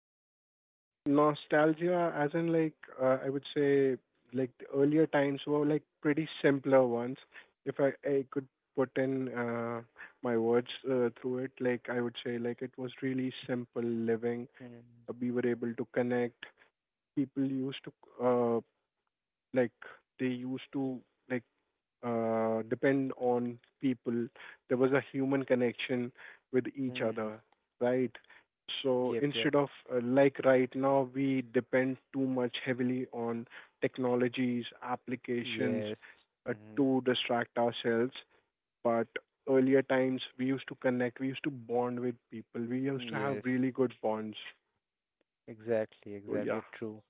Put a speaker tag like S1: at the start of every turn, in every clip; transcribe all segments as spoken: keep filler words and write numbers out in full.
S1: I would say like nostalgia, as in like uh, I would say like the earlier times were like pretty simpler ones. If I I could put in uh, my words uh, through it, like I would say like it was really simple living.
S2: Mm-hmm.
S1: Uh, we were able to connect. People used to uh, like they used to like uh, depend on people. There was a human connection with each other, right? So
S2: Yep, yep.
S1: instead of uh, like right now, we depend too much heavily on technologies, applications
S2: Yes.
S1: uh,
S2: Mm-hmm.
S1: to distract ourselves. But earlier times, we used to connect, we used to bond with people, we used to have
S2: Yes.
S1: really good bonds.
S2: Exactly,
S1: So yeah,
S2: exactly true.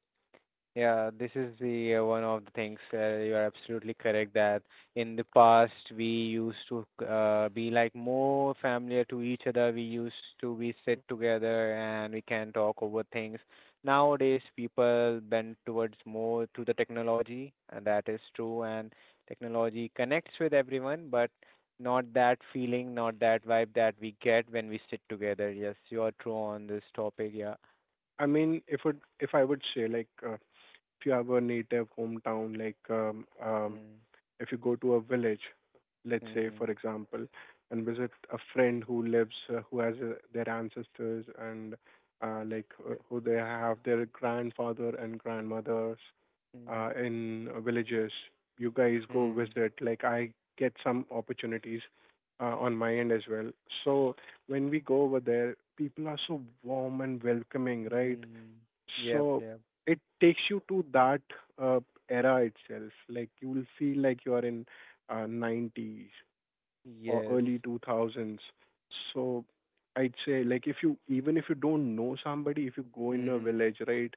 S2: Yeah, this is the uh, one of the things uh, you are absolutely correct that in the past we used to uh, be like more familiar to each other. We used to be sit together and we can talk over things. Nowadays, people bend towards more to the technology, and that is true. And technology connects with everyone, but not that feeling, not that vibe that we get when we sit together. Yes, you are true on this topic. Yeah.
S1: I mean, if it, if I would say like. Uh, if you have a native hometown, like um, um,
S2: Mm-hmm.
S1: if you go to a village, let's say,
S2: Mm-hmm.
S1: for example, and visit a friend who lives, uh, who has uh, their ancestors and uh, like uh, who they have their grandfather and grandmothers uh, in villages. You guys go
S2: Mm-hmm.
S1: visit. Like I get some opportunities uh, on my end as well. So when we go over there, people are so warm and welcoming, right?
S2: Mm. Yep,
S1: So
S2: yep.
S1: it takes you to that uh, era itself. Like you will feel like you are in uh, nineties or
S2: Yes.
S1: early two thousands. So I'd say like if you, even if you don't know somebody, if you go in a
S2: Mm-hmm.
S1: village, right,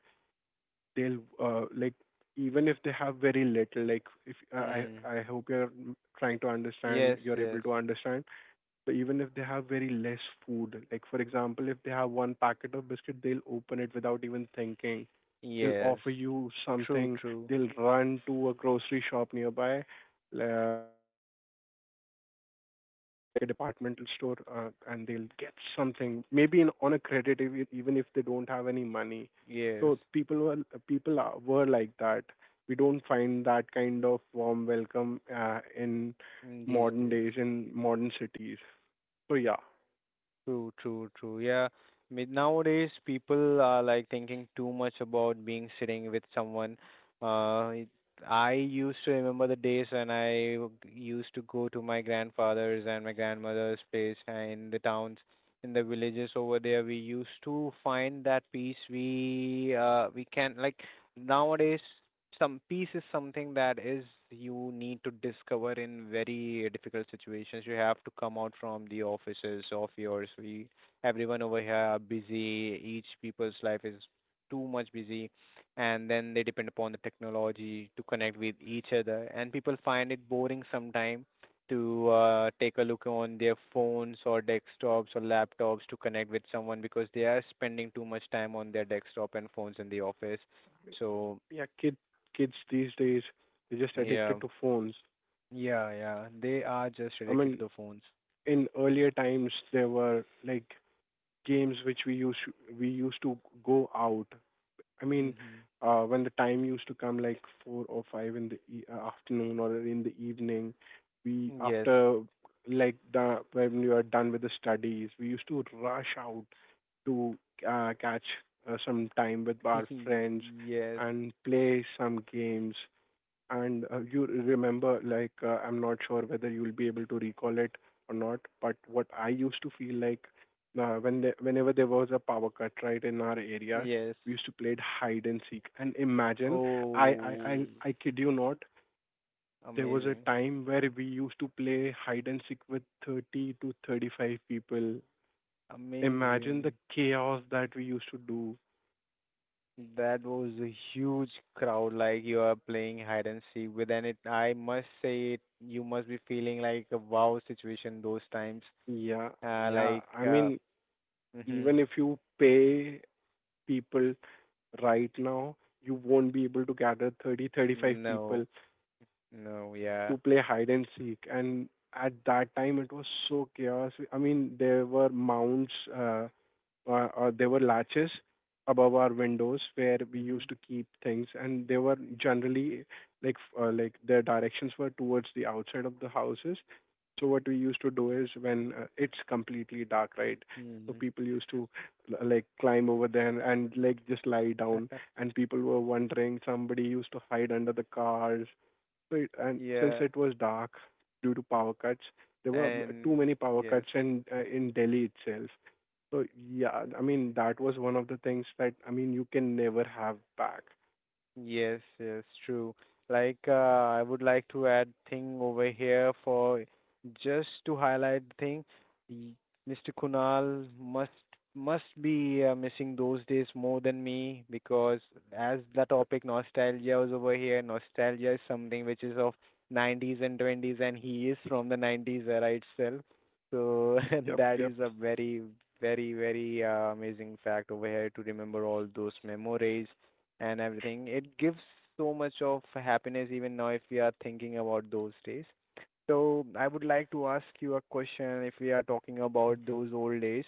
S1: they'll uh, like even if they have very little, like, if I
S2: Mm.
S1: I I hope you're trying to understand,
S2: Yes,
S1: you're
S2: yes.
S1: able to understand. So even if they have very less food, like, for example, if they have one packet of biscuit, they'll open it without even thinking. They'll
S2: Yes.
S1: offer you
S2: True,
S1: something.
S2: true.
S1: They'll run to a grocery shop nearby, uh,
S2: Mm.
S1: and um, like a departmental store, uh, and they'll get something, maybe in, on a credit, if, it- even if they don't have any money.
S2: Yes.
S1: So people were people are, were like that. We don't find that kind of warm welcome uh, in
S2: Mm, these
S1: modern
S2: days.
S1: days, in modern cities. So yeah,
S2: True, true, true. Yeah. I mean, nowadays people are like thinking too much about being sitting with someone. Uh, it- I used to remember the days when I w- used to go to my grandfather's and my grandmother's place and in the towns, in the villages over there. We used to find that peace. We uh we can like nowadays some peace is something that is you need to discover in very difficult situations. You have to come out from the offices of yours. We everyone over here are busy. Each people's life is too much busy, and then they depend upon the technology to connect with each other. And people find it boring sometime to uh, take a look on their phones or desktops or laptops to connect with someone because they are spending too much time on their desktop and phones in the office. So
S1: yeah, kids kids these days they're just
S2: yeah.
S1: addicted to phones.
S2: Yeah, yeah. They are just
S1: I
S2: addicted to
S1: mean,
S2: the phones.
S1: in earlier times there were like games which we used to, we used to go out. I mean,
S2: Mm-hmm.
S1: uh, when the time used to come like four or five in the e- uh, afternoon or in the evening, we
S2: Yes.
S1: after like the when we were done with the studies, we used to rush out to uh, catch uh, some time with our friends
S2: Yes.
S1: and play some games. And uh, you remember like, uh, I'm not sure whether you'll be able to recall it or not, but what I used to feel like uh, when the, whenever there was a power cut, right, in our areas
S2: Yes.
S1: we used to play it, hide and seek, and imagine, i i i,
S2: Oh,
S1: I kid you not, there was a
S2: amazing.
S1: time where we used to play hide and seek with thirty to thirty-five people. Imagine the
S2: Amazing.
S1: chaos that we used to do.
S2: That was a huge crowd. Like you are playing hide and seek with, and it, I must say, it, you must be feeling like a wow situation those times.
S1: Yeah,
S2: Uh,
S1: yeah,
S2: like,
S1: I
S2: uh,
S1: mean,
S2: mm-hmm.
S1: even if you pay people right now, you won't be able to gather thirty, thirty-five people
S2: No, no, yeah.
S1: to play hide and seek. And at that time, it was so chaos. I mean, there were mounts. Uh, uh, uh, there were latches above our windows where we
S2: Mm-hmm.
S1: used to keep things, and they were generally like f- uh, like their directions were towards the outside of the houses. So what we used to do is, when uh, it's completely dark, right, so
S2: Mm-hmm.
S1: people used to l- like climb over there and like just lie down, and people were wondering. Somebody used to hide under the cars. So it- and since
S2: Yeah,
S1: it was dark due to power cuts, there were too
S2: and
S1: many power
S2: yes.
S1: cuts in uh, in Delhi itself. So yeah, I mean, that was one of the things that, I mean, you can never have back.
S2: Yes, yes, true. Like, uh, I would like to add thing over here for just to highlight the thing. y- Mister Kunal must must be uh, missing those days more than me because as the
S1: Yep,
S2: topic nostalgia was over here, nostalgia is something which is of nineties and twenties, and he is from the nineties era itself. So and
S1: yep,
S2: that
S1: yep.
S2: is a very, very, very uh, amazing fact over here to remember all those memories and everything. It gives so much of happiness even now if we are thinking about those days. So I would like to ask you a question if we are talking about those old days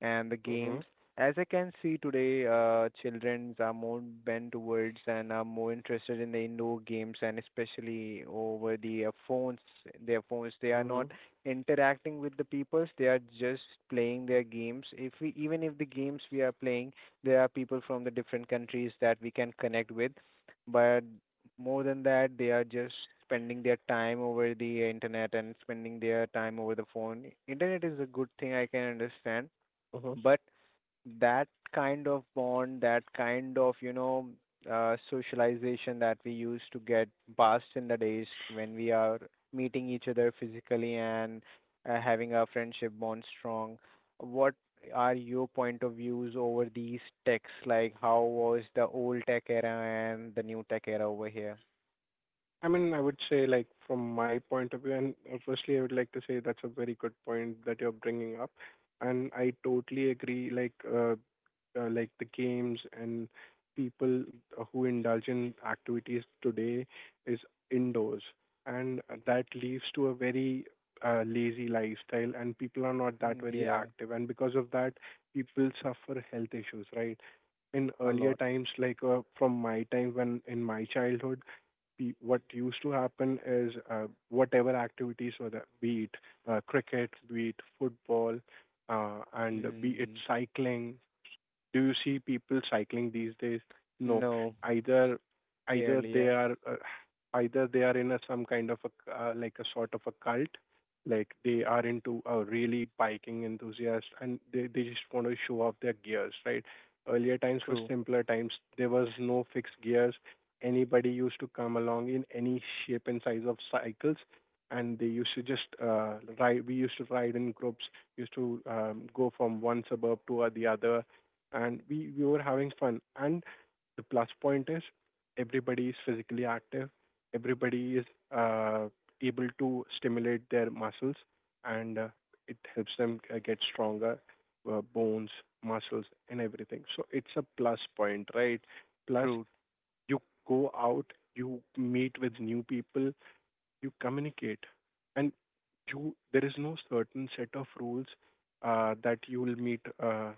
S2: and the
S1: Mm-hmm.
S2: games. As I can see today, uh, children are more bent towards and are more interested in the indoor games and especially over the uh, phones, their phones. They are
S1: Mm-hmm.
S2: not interacting with the peoples. They are just playing their games. If we, even if the games we are playing there are people from the different countries that we can connect with, but more than that, they are just spending their time over the internet and spending their time over the phone. Internet is a good thing, I can understand,
S1: Mm-hmm.
S2: but that kind of bond, that kind of, you know, uh, socialization that we used to get past in the days when we are meeting each other physically and uh, having our friendship bond strong. What are your point of views over these techs? Like, how was the old tech era and the new tech era over here?
S1: I mean, I would say like from my point of view, and uh, firstly, I would like to say that's a very good point that you're bringing up, and I totally agree. Like uh, uh, like the games and people who indulge in activities today is indoors, and that leads to a very uh, lazy lifestyle, and people are not that
S2: Mm,
S1: very
S2: yeah,
S1: active, and because of that, people suffer health issues, right? In
S2: a
S1: earlier
S2: lot.
S1: times, like uh, from my time, when in my childhood, pe- what used to happen is, uh, whatever activities were there, be it uh, cricket, be it football, uh, and be it
S2: Mm,
S1: cycling, do you see people cycling these days? No.
S2: no,
S1: Either either
S2: barely.
S1: they
S2: Yeah,
S1: are uh, either they are in a some kind of a c- uh, like a sort of a cult, like they are into a really biking enthusiast, and they, they just want to show off their gears, right? Earlier times were
S2: true,
S1: simpler times. There was no fixed gears. Anybody used to come along in any shape and size of cycles, and they used to just uh, ride. We used to ride in groups. Used to um, go from one suburb to uh, the other, and we, we were having fun. And the plus point is, everybody is physically active, everybody is uh, able to stimulate their muscles, and uh, it helps them uh, get stronger, uh, bones, muscles, and everything. So it's a plus point, right? Plus,
S2: true.
S1: you go out, you meet with new people, you communicate, and you there is no certain set of rules uh, that you will meet. Uh,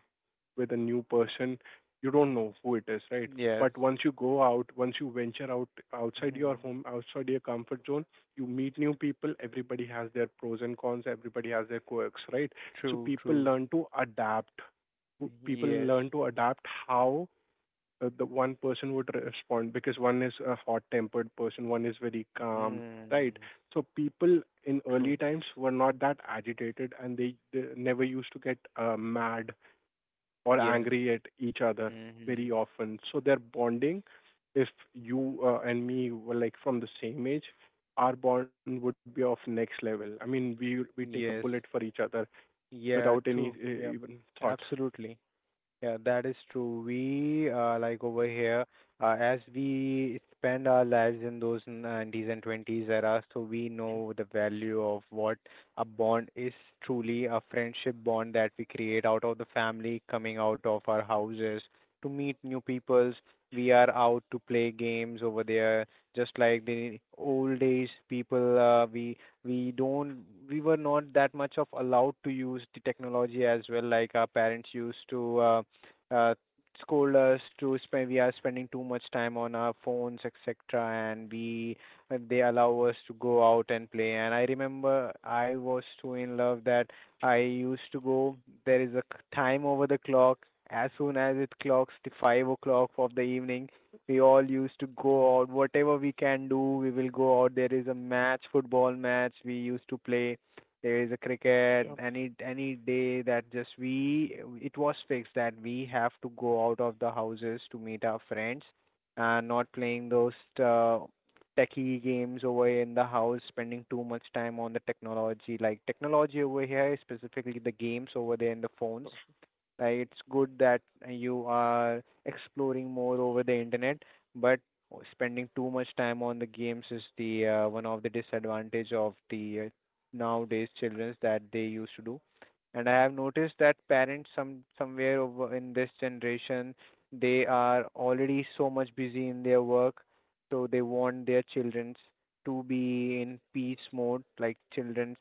S1: With a new person, you don't know who it is, right?
S2: Yes.
S1: But once you go out, once you venture out outside your
S2: Mhm.
S1: home, outside your comfort zone, you meet new people. Everybody has their pros and cons. Everybody has their quirks, right? So
S2: True,
S1: people
S2: true.
S1: learn to adapt. People
S2: Yes.
S1: learn to adapt how uh, the one person would respond, because one is a hot-tempered person, one is very calm, right?
S2: Hmm.
S1: So people in
S2: True.
S1: early times were not that agitated, and they, they never used to get uh, mad or
S2: Yes.
S1: angry at each other very
S2: Hmm.
S1: often. So their bonding, if you uh, and me were like from the same age, our bond would be of next level. I mean, we we take a bullet
S2: Yes.
S1: for each other without
S2: Yeah.
S1: any uh,
S2: True. Yeah.
S1: even thought.
S2: Absolutely. Yeah, that is true. We uh, like over here, uh, as we spend our lives in those nineties and twenties era, so we know the value of what a bond is truly a friendship bond that we create out of the family, coming out of our houses to meet new peoples. We are out to play games over there, just like the old days people. Uh, we we don't we were not that much of allowed to use the technology as well, like our parents used to. Uh, uh, scold us to spend we are spending too much time on our phones, etc., and we and they allow us to go out and play, and I remember I was so in love that I used to go there is a c- time over the clock as soon as it clocks the five o'clock of the evening. We all used to go out whatever we can do. We will go out. There is a match, football match we used to play. There is a cricket,
S1: Yep.
S2: any any day that just we it was fixed that we have to go out of the houses to meet our friends and not playing those uh, techie games over in the house, spending too much time on the technology. Like technology over here, specifically the games over there in the phones, uh, it's good that you are exploring more over the internet, but spending too much time on the games is the uh, one of the disadvantage of the uh, nowadays childrens that they used to do. And I have noticed that parents some somewhere over in this generation they are already so much busy in their work, so they want their childrens to be in peace mode, like childrens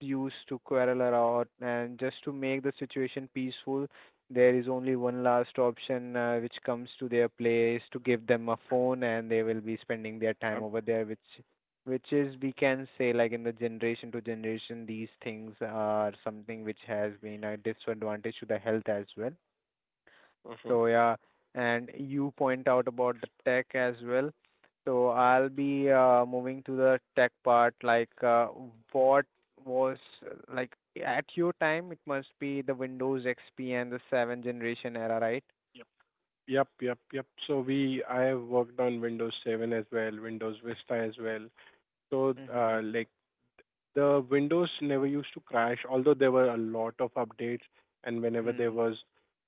S2: used to quarrel a lot, and just to make the situation peaceful, there is only one last option uh, which comes to their place to give them a phone, and they will be spending their time
S1: Um,
S2: over there, which which is we can say like in the generation to generation these things are something which has been a disadvantage to the health as well.
S1: uh-huh.
S2: So yeah, and you point out about the tech as well. So I'll be uh, moving to the tech part, like uh, what was uh, like at your time, it must be the Windows X P and the seventh generation era, right?
S1: Yep, yep, yep. So we I have worked on Windows seven as well, Windows Vista as well. So
S2: Mm-hmm.
S1: uh, like the Windows never used to crash, although there were a lot of updates, and whenever there
S2: Hmm.
S1: was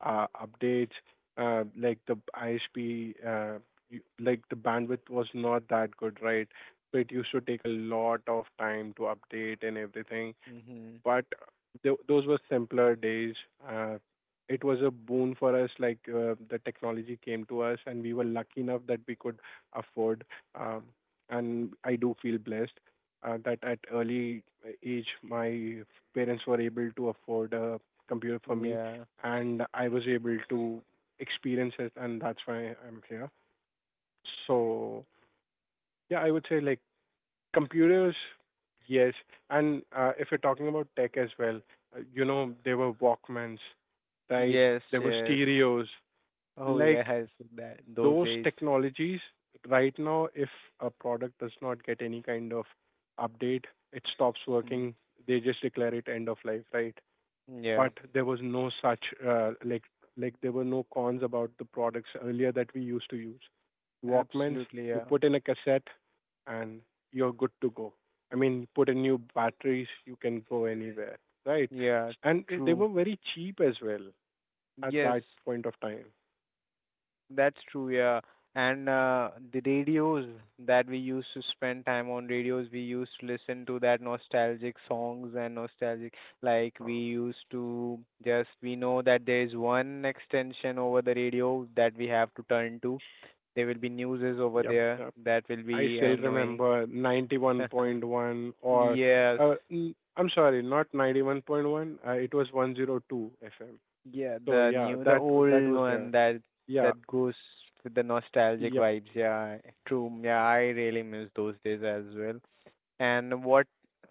S1: uh, updates, uh, like the I S P, uh, you- like the bandwidth was not that good, right? So it used to take a lot of time to update and everything,
S2: Mm-hmm.
S1: but th- those were simpler days. Uh, it was a boon for us, like uh, the technology came to us, and we were lucky enough that we could afford. Um, and I do feel blessed uh, that at early age, my parents were able to afford a computer for me,
S2: Yeah.
S1: and I was able to experience it, and that's why I'm here. So yeah, I would say like, computers, yes. And uh, if you're talking about tech as well, uh, you know, there were Walkmans, right?
S2: Yes,
S1: There were
S2: yes.
S1: stereos.
S2: Oh
S1: Like
S2: yes, that those
S1: those
S2: days.
S1: technologies, right now, if a product does not get any kind of update, it stops
S2: Mm.
S1: working. They just declare it end of life, right?
S2: Yeah.
S1: But there was no such, uh, like, like there were no cons about the products earlier that we used to use. Walkmans,
S2: Absolutely,
S1: you
S2: yeah.
S1: put in a cassette, and you're good to go. I mean, you put in new batteries, you can go anywhere, right?
S2: Yeah,
S1: And uh, they were
S2: true.
S1: very cheap as well at
S2: Yes.
S1: that point of time.
S2: That's true, yeah. And uh, the radios that we used to spend time on radios, we used to listen to that nostalgic songs and nostalgic like
S1: Uh,
S2: we used to just we know that there is one extension over the radio that we have to turn to. There will be newses over
S1: Yep,
S2: there
S1: yep.
S2: that will
S1: I
S2: be
S1: still
S2: annoying.
S1: remember ninety-one point one, or
S2: Yes.
S1: uh, n- I'm sorry, not ninety-one point one. Uh, it was one oh two F M.
S2: Yeah,
S1: So
S2: the
S1: yeah,
S2: new, the
S1: that that
S2: old
S1: was
S2: one
S1: there.
S2: that
S1: Yeah.
S2: that goes with the nostalgic
S1: Yep.
S2: vibes. Yeah, true. Yeah, I really miss those days as well. And what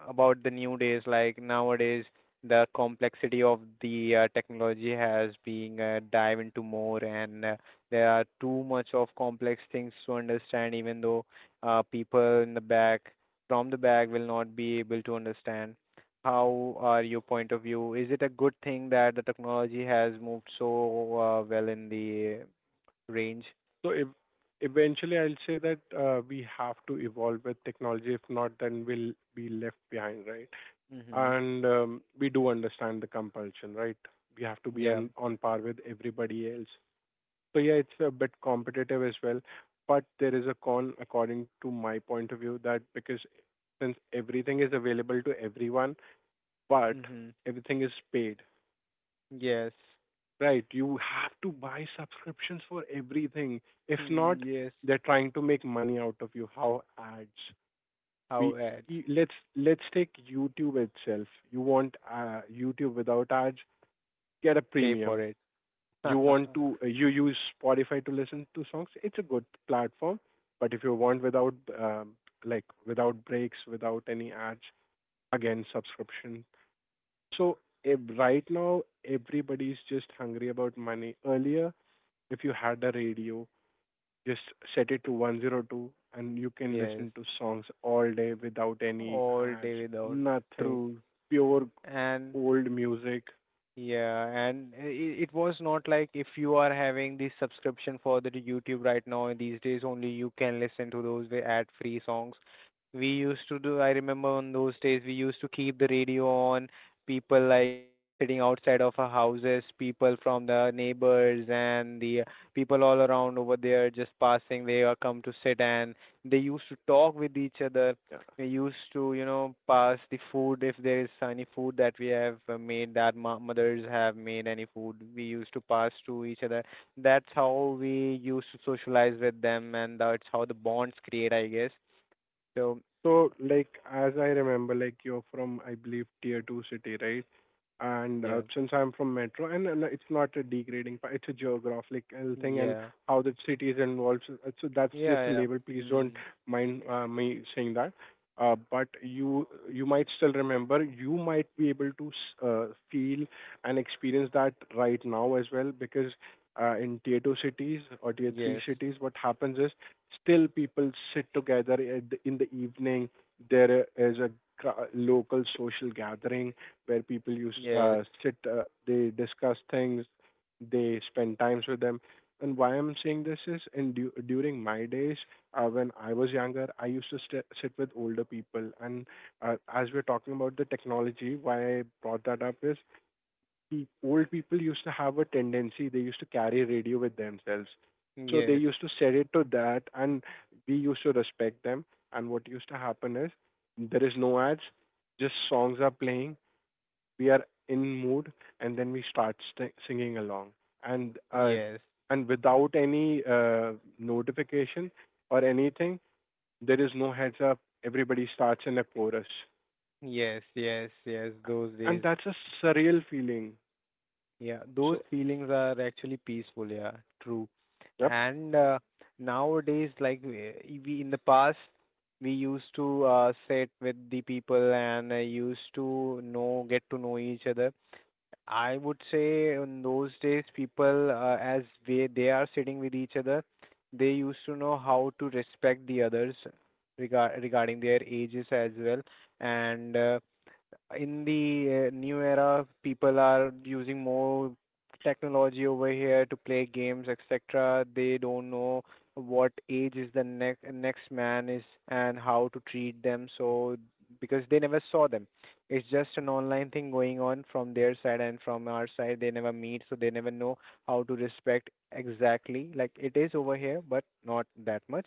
S2: about the new days? Like nowadays, the complexity of the uh, technology has been uh, dive into more, and uh, there are too much of complex things to understand. Even though uh, people in the back, from the back, will not be able to understand. How are your point of view? Is it a good thing that the technology has moved so uh, well in the range?
S1: So ev- Eventually, I'll say that uh, we have to evolve with technology. If not, then we'll be left behind, right?
S2: Mhm.
S1: And um, we do understand the compulsion, right? We have to be
S2: Yeah.
S1: on, on par with everybody else. So yeah, it's a bit competitive as well, but there is a con according to my point of view that, because since everything is available to everyone, but
S2: Mhm.
S1: everything is paid,
S2: Yes.
S1: right. You have to buy subscriptions for everything. If
S2: Mm,
S1: not,
S2: yes.
S1: they're trying to make money out of you. How? Ads? We,
S2: How
S1: e-
S2: adds.
S1: let's let's take YouTube itself. You want uh, YouTube without ads? Get a
S2: Pay for
S1: premium.
S2: it.
S1: You want to uh, you use Spotify to listen to songs? It's a good platform. But if you want without um, like without breaks, without any ads, again subscription. So if right now everybody's just hungry about money. Earlier if you had a radio, just set it to one zero two and you can
S2: Yes,
S1: listen to songs all day without any
S2: all
S1: ads,
S2: day without.
S1: nothing.
S2: True.
S1: Pure
S2: And
S1: old music.
S2: yeah, and i- i- it was not like if you are having the subscription for the YouTube right now, and these days only you can listen to those the ad-free songs. We used to do, I remember on those days, we used to keep the radio on. People like we are sitting outside of our houses, people from the neighbors and the uh, people all around over there just passing, they are come to sit and they used to talk with each other.
S1: Yeah.
S2: We used to you know pass the food if there is any food that we have uh, made, that ma- mothers have made any food, we used to pass to each other. That's how we used to socialize with them, and that's how the bonds create, I guess. So
S1: So, like, as I remember, like, you're from, I believe, tier two city, right? And uh,
S2: yeah,
S1: since I'm from metro, and, and it's not a degrading, part, it's a geographical thing, and
S2: yeah,
S1: how the city is involved. So, uh, so that's
S2: yeah,
S1: just a
S2: yeah,
S1: label. Please don't
S2: mm.
S1: mind uh, me saying that. Uh, but you you might still remember. You might be able to s- uh, feel and experience that right now as well, because uh, in tier two cities or tier three
S2: yes,
S1: cities, what happens is still, people sit together at the- in the evening. There is a ca- local social gathering where people use
S2: yes,
S1: uh, sit. Uh, they discuss things. They spend times with them. And why I'm saying this is, and du- during my days, uh, when I was younger, I used to st- sit with older people. And uh, as we're talking about the technology, why I brought that up is pe- old people used to have a tendency, they used to carry radio with themselves, so they
S2: yes,
S1: used to set it to that, and we used to respect them. And what used to happen is there is no ads, just songs are playing, we are in mood, and then we start st- singing along. and uh,
S2: yes,
S1: and without any uh, notification or anything, there is no heads up, everybody starts in a chorus,
S2: yes, yes, yes, yes, those
S1: and
S2: days.
S1: that's a surreal feeling.
S2: Yeah, those
S1: So
S2: feelings are actually peaceful. Yeah, true.
S1: yep.
S2: And uh, nowadays, like we we- in the past, we used to uh, sit with the people and uh, used to know, get to know each other. I would say in those days, people uh, as they they are sitting with each other, they used to know how to respect the others, regard regarding their ages as well, and uh, in the uh, new era, people are using more technology over here to play games, et cetera. They don't know what age is the next next man is and how to treat them. So because they never saw them, it's just an online thing going on from their side and from our side. They never meet, so they never know how to respect exactly. Like it is over here, but not that much.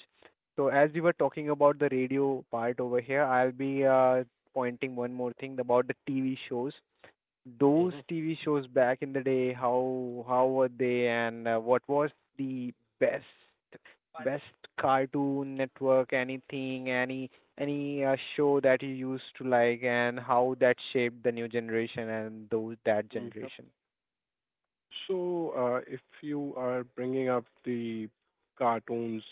S2: So as we were talking about the radio part over here, I'll be uh, pointing one more thing about the T V shows. Those
S1: Hmm.
S2: T V shows back in the day, how how were they, and uh, what was the best best Cartoon Network, anything, any any uh, show that you used to like, and how that shaped the new generation and those that generation.
S1: So, uh, if you are bringing up the cartoons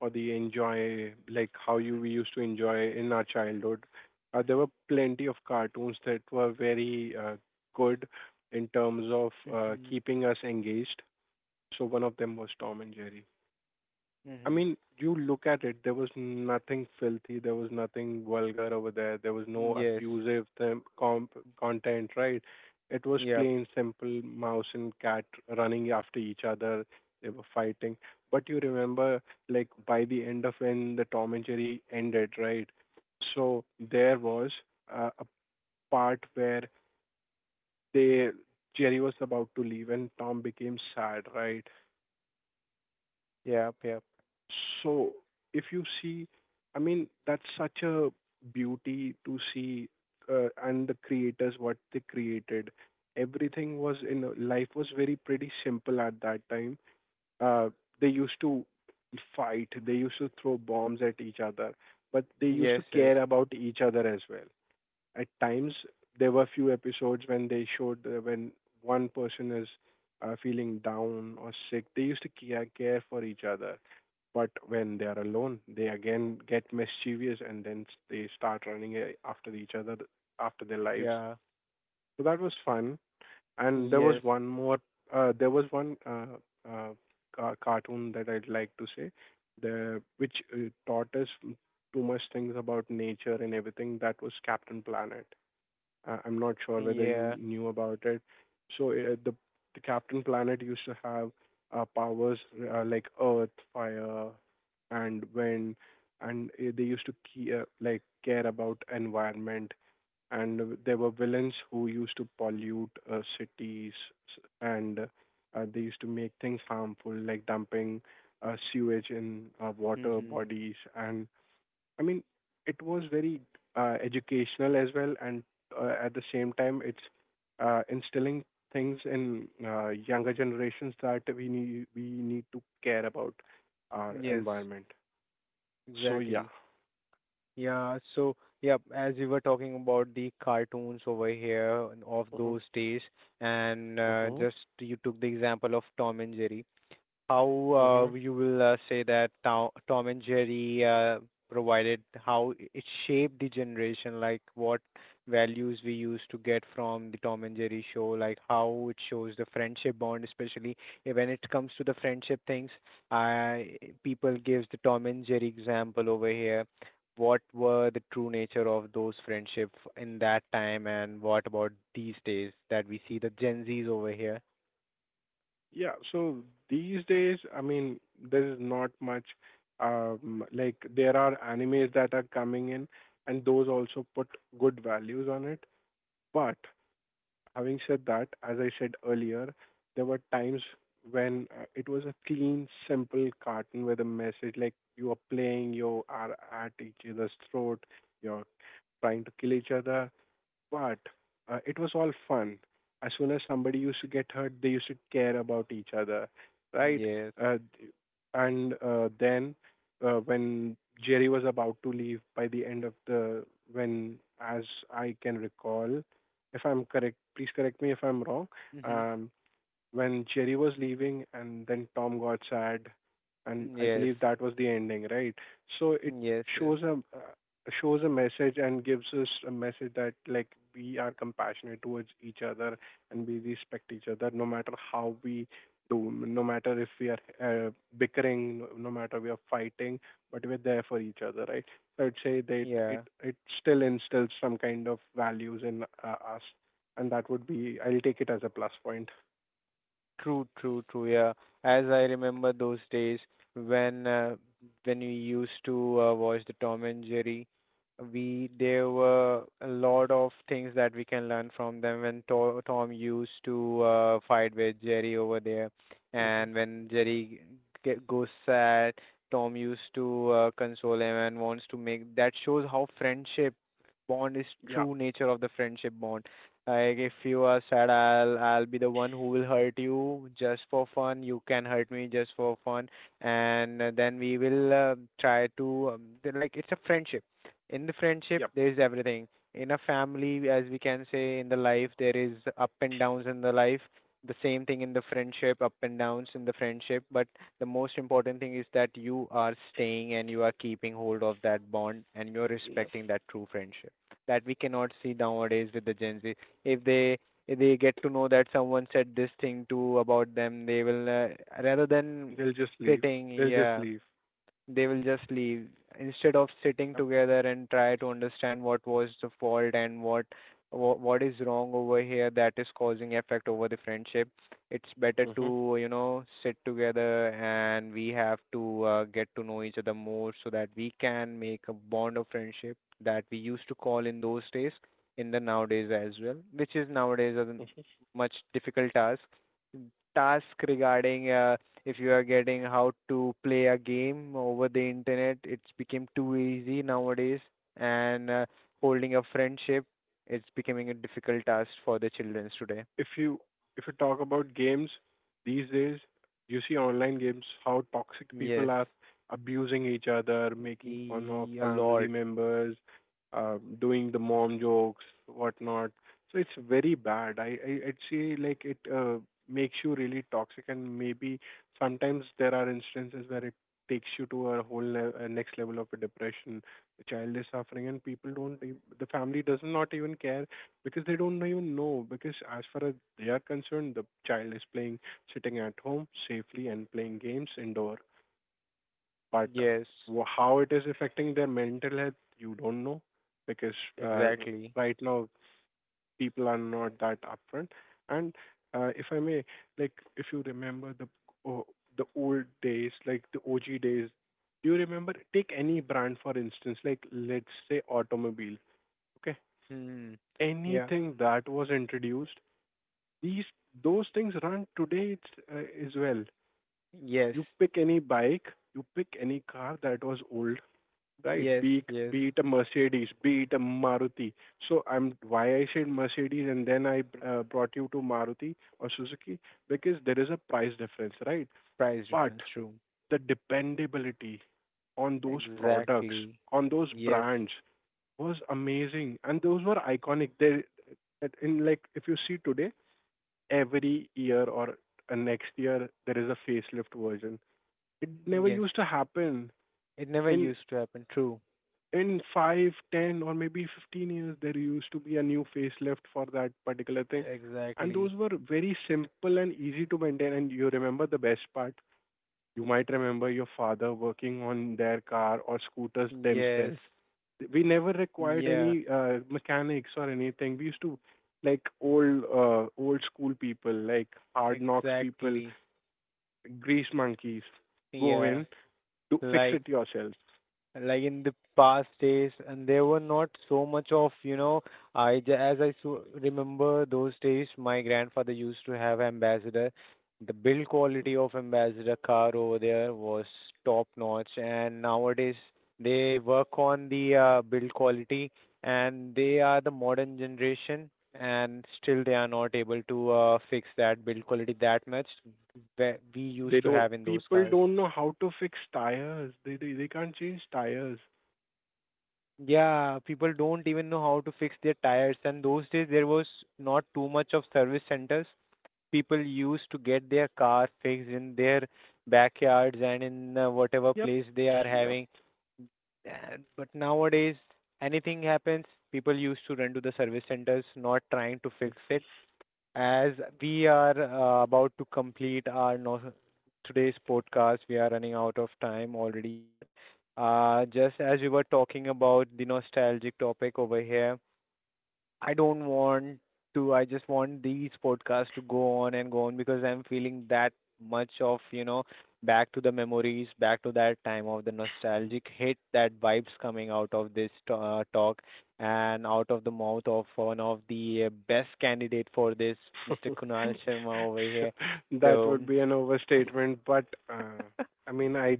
S1: or the enjoy, like how you we used to enjoy in our childhood, uh, there were plenty of cartoons that were very uh, good in terms of uh,
S2: Mhm.
S1: keeping us engaged. So one of them was Tom and Jerry. I
S2: Mhm.
S1: mean, you look at it, there was nothing filthy, there was nothing vulgar over there, there was no
S2: Yes.
S1: abusive them comp content, right? It was
S2: Yep.
S1: plain, simple mouse and cat running after each other. They were fighting. But you remember, like, by the end of when the Tom and Jerry ended, right? So there was uh, a part where they Jerry was about to leave and Tom became sad, right?
S2: Yep. Yep.
S1: So if you see, I mean, that's such a beauty to see, uh, and the creators, what they created. Everything was in a- life was very pretty simple at that time. Uh, they used to fight, they used to throw bombs at each other, but they used
S2: Yes.
S1: to
S2: Yes.
S1: care about each other as well. At times there were few episodes when they showed, uh, when one person is uh, feeling down or sick, they used to care, care for each other. But when they are alone, they again get mischievous, and then s- they start running a- after each other, after their lives.
S2: Yeah.
S1: So that was fun. And there was
S2: Yes.
S1: one more, uh, there was one uh, uh, ca- cartoon that I'd like to say, the which uh, taught us too much things about nature and everything, that was Captain Planet. I- I'm not sure whether you
S2: Yeah.
S1: knew about it. So uh, the the Captain Planet used to have uh, powers uh, like earth, fire, and wind, and uh, they used to ke- uh, like care about environment. And there were villains who used to pollute uh, cities, s- and uh, they used to make things harmful, like dumping uh, sewage in uh, water
S2: Mhm.
S1: bodies. And I mean, it was very uh, educational as well, and uh, at the same time, it's uh, instilling things in uh, younger generations that we need we need to care about our
S2: Yes.
S1: environment. So yeah.
S2: Exactly. Yeah, so yeah, as we were talking about the cartoons over here of
S1: Mhm.
S2: those days, and uh,
S1: Mhm.
S2: just you took the example of Tom and Jerry, how
S1: Mhm.
S2: uh, you will uh, say that Tom, Tom and Jerry uh, provided, how it shaped the generation, like what values we used to get from the Tom and Jerry show, like how it shows the friendship bond, especially eh, when it comes to the friendship things. I, people gives the Tom and Jerry example over here. What were the true nature of those friendship in that time, and what about these days that we see the Gen Zs over here?
S1: Yeah. So these days, I mean, there is not much. Um, like there are animes that are coming in, and those also put good values on it. But having said that, as I said earlier, there were times when uh, it was a clean, simple cartoon with a message, like you are playing, you are at each other's throat, you're trying to kill each other, but uh, it was all fun. As soon as somebody used to get hurt, they used to care about each other, right?
S2: Yes.
S1: Uh, d- and uh, then uh, when Jerry was about to leave, by the end of the when, as I can recall, if I'm correct, please correct me if I'm wrong.
S2: Hmm.
S1: Um, when Jerry was leaving and then Tom got sad, and I
S2: Yes.
S1: believe that was the ending, right? So it
S2: Yes, yes.
S1: shows a uh, shows a message and gives us a message that, like, we are compassionate towards each other and we respect each other no matter how we do, no matter if we are uh, bickering, no, no matter we are fighting, but we're there for each other, right? So I'd say that it
S2: Yeah.
S1: it still instills some kind of values in uh, us, and that would be, I'll take it as a plus point.
S2: True, true, true. Yeah. As I remember those days when uh, when we used to uh, watch the Tom and Jerry, we there were a lot of things that we can learn from them when to Tom used to uh, fight with Jerry over there,
S1: Mhm.
S2: and when Jerry get, goes sad, Tom used to uh, console him and wants to make, that shows how friendship bond is,
S1: Yeah.
S2: true nature of the friendship bond. Like if you are sad, I'll I'll be the one who will hurt you just for fun. You can hurt me just for fun, and uh, then we will uh, try to um, th- like it's a friendship. In the friendship,
S1: Yep.
S2: there is everything. In a family, as we can say, in the life, there is up and downs in the life. The same thing in the friendship, up and downs in the friendship. But the most important thing is that you are staying and you are keeping hold of that bond and you're
S1: Yep.
S2: respecting that true friendship that we cannot see nowadays with the Gen Z. if they if they get to know that someone said this thing to about them, they will uh, rather than
S1: They'll just leave.
S2: sitting,
S1: They'll just
S2: yeah,
S1: leave.
S2: they will just leave, instead of sitting
S1: Yep.
S2: together and try to understand what was the fault and what wha- what is wrong over here that is causing effect over the friendship. It's better
S1: Mm-hmm.
S2: to you know sit together and we have to uh, get to know each other more, so that we can make a bond of friendship that we used to call in those days in the nowadays as well, which is nowadays a much difficult task task regarding uh, if you are getting how to play a game over the internet, it's become too easy nowadays, and uh, holding a friendship, it's becoming a difficult task for the children today.
S1: If you if you talk about games these days, you see online games, how toxic people
S2: Yes.
S1: are abusing each other, making fun of
S2: E- a
S1: family
S2: lot.
S1: members, uh, doing the mom jokes, whatnot. So it's very bad. I, I I'd say, like, it uh, makes you really toxic, and maybe sometimes there are instances where it takes you to a whole le- a next level of a depression. The child is suffering, and people don't, e- the family does not even care because they don't even know, because as far as they are concerned, the child is playing, sitting at home safely and playing games indoor. But
S2: Yes.
S1: wh- how it is affecting their mental health, you don't know, because uh, r-
S2: Exactly.
S1: right now people are not that upfront. And uh, if I may, like, if you remember the oh, the old days, like the OG days, do you remember, take any brand for instance, like let's say automobile, okay,
S2: Hmm. Yeah.
S1: anything that was introduced, these those things run today, it's, uh, as well.
S2: Yes.
S1: You pick any bike, you pick any car that was old, right?
S2: Yes.
S1: be it,
S2: Yes.
S1: be it a Mercedes, be it a Maruti. So I'm, why I said Mercedes and then I uh, brought you to Maruti or Suzuki, because there is a price difference, right?
S2: Price
S1: But
S2: difference, true.
S1: the dependability on those products,
S2: Exactly.
S1: on those
S2: Yes.
S1: brands, was amazing, and those were iconic. They, in, like, if you see today, every year or uh, next year, there is a facelift version. It never
S2: Yes,
S1: used to happen.
S2: it never
S1: In
S2: used to happen, true.
S1: in five, ten, or maybe fifteen years, there used to be a new facelift for that particular thing, and those
S2: Exactly.
S1: were very simple and easy to maintain. And you remember the best part? You might remember your father working on their car or scooters
S2: Yes.
S1: themselves. We never required
S2: Yeah.
S1: any uh, mechanics or anything. We used to, like, old uh, old school people, like hard knocks people,
S2: Exactly.
S1: grease monkeys, go
S2: Yeah.
S1: in to fix
S2: Like
S1: it yourself.
S2: like in the past days, and there were not so much of, you know, I j- as I so remember those days, my grandfather used to have Ambassador. The build quality of Ambassador car over there was top notch, and nowadays they work on the uh, build quality, and they are the modern generation and still they are not able to uh, fix that build quality that much that we
S1: They
S2: used to
S1: don't.
S2: have in those
S1: People
S2: cars.
S1: don't know how to fix tires. They they, they can't change tires.
S2: Yeah, people don't even know how to fix their tires, and those days there was not too much of service centers. People used to get their car fixed in their backyards and in uh, whatever
S1: Yep,
S2: place they are
S1: yep.
S2: having. And but nowadays, anything happens, people used to run to the service centers, not trying to fix it. As we are uh, about to complete our no- today's podcast, we are running out of time already. But uh, just as we were talking about the nostalgic topic over here, I don't want to. I just want these podcasts to go on and go on, because I'm feeling that much of, you know, back to the memories, back to that time of the nostalgic hit, that vibes coming out of this t- uh, talk and out of the mouth of one of the uh, best candidate for this, Mister Kunal Sharma over here.
S1: That
S2: So
S1: would be an overstatement, but uh, I mean, I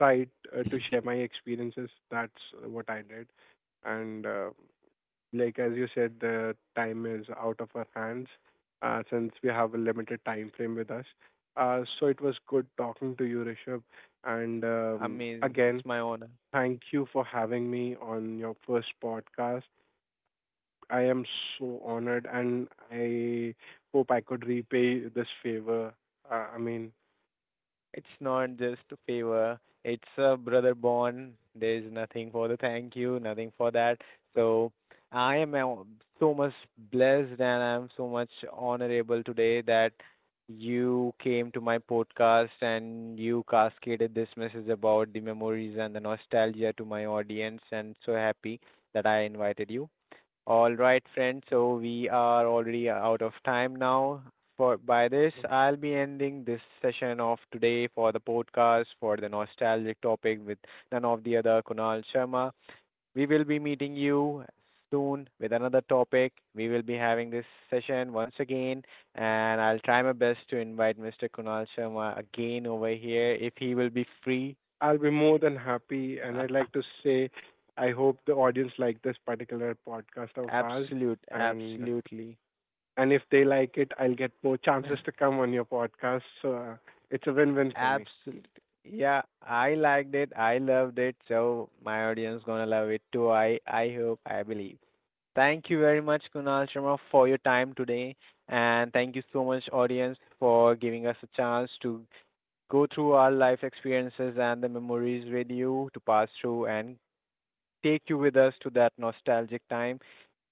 S1: tried uh, to share my experiences. That's what I did, and uh, like as you said, the time is out of our hands, uh, since we have a limited time frame with us. Uh, so it was good talking to you, Rishabh, and um,
S2: amazing.
S1: again,
S2: It's my honor.
S1: thank you for having me on your first podcast. I am so honored, and I hope I could repay this favor. Uh, I mean,
S2: It's not just a favor. It's a brother bond. There's nothing for the thank you, nothing for that. So I am uh, so much blessed and I'm so much honorable today that you came to my podcast and you cascaded this message about the memories and the nostalgia to my audience, and so happy that I invited you. All right, friends. So we are already out of time now. For by this, I'll be ending this session of today for the podcast for the nostalgic topic with none of the other Kunal Sharma. We will be meeting you soon with another topic. We will be having this session once again, and I'll try my best to invite Mister Kunal Sharma again over here if he will be free.
S1: I'll be more than happy, and I'd like to say, I hope the audience liked this particular podcast of ours,
S2: Absolute,
S1: and
S2: absolutely.
S1: And if they like it, I'll get more chances to come on your podcast. So uh, it's a win-win for me.
S2: Absolutely. Yeah, I liked it. I loved it. So my audience gonna love it too. I I hope. I believe. Thank you very much, Kunal Sharma, for your time today, and thank you so much, audience, for giving us a chance to go through our life experiences and the memories with you to pass through and take you with us to that nostalgic time.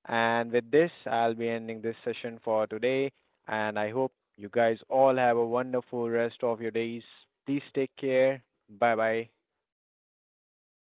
S2: And with this, I'll be ending this session for today. And I hope you guys all have a wonderful rest of your days. Please take care. Bye bye.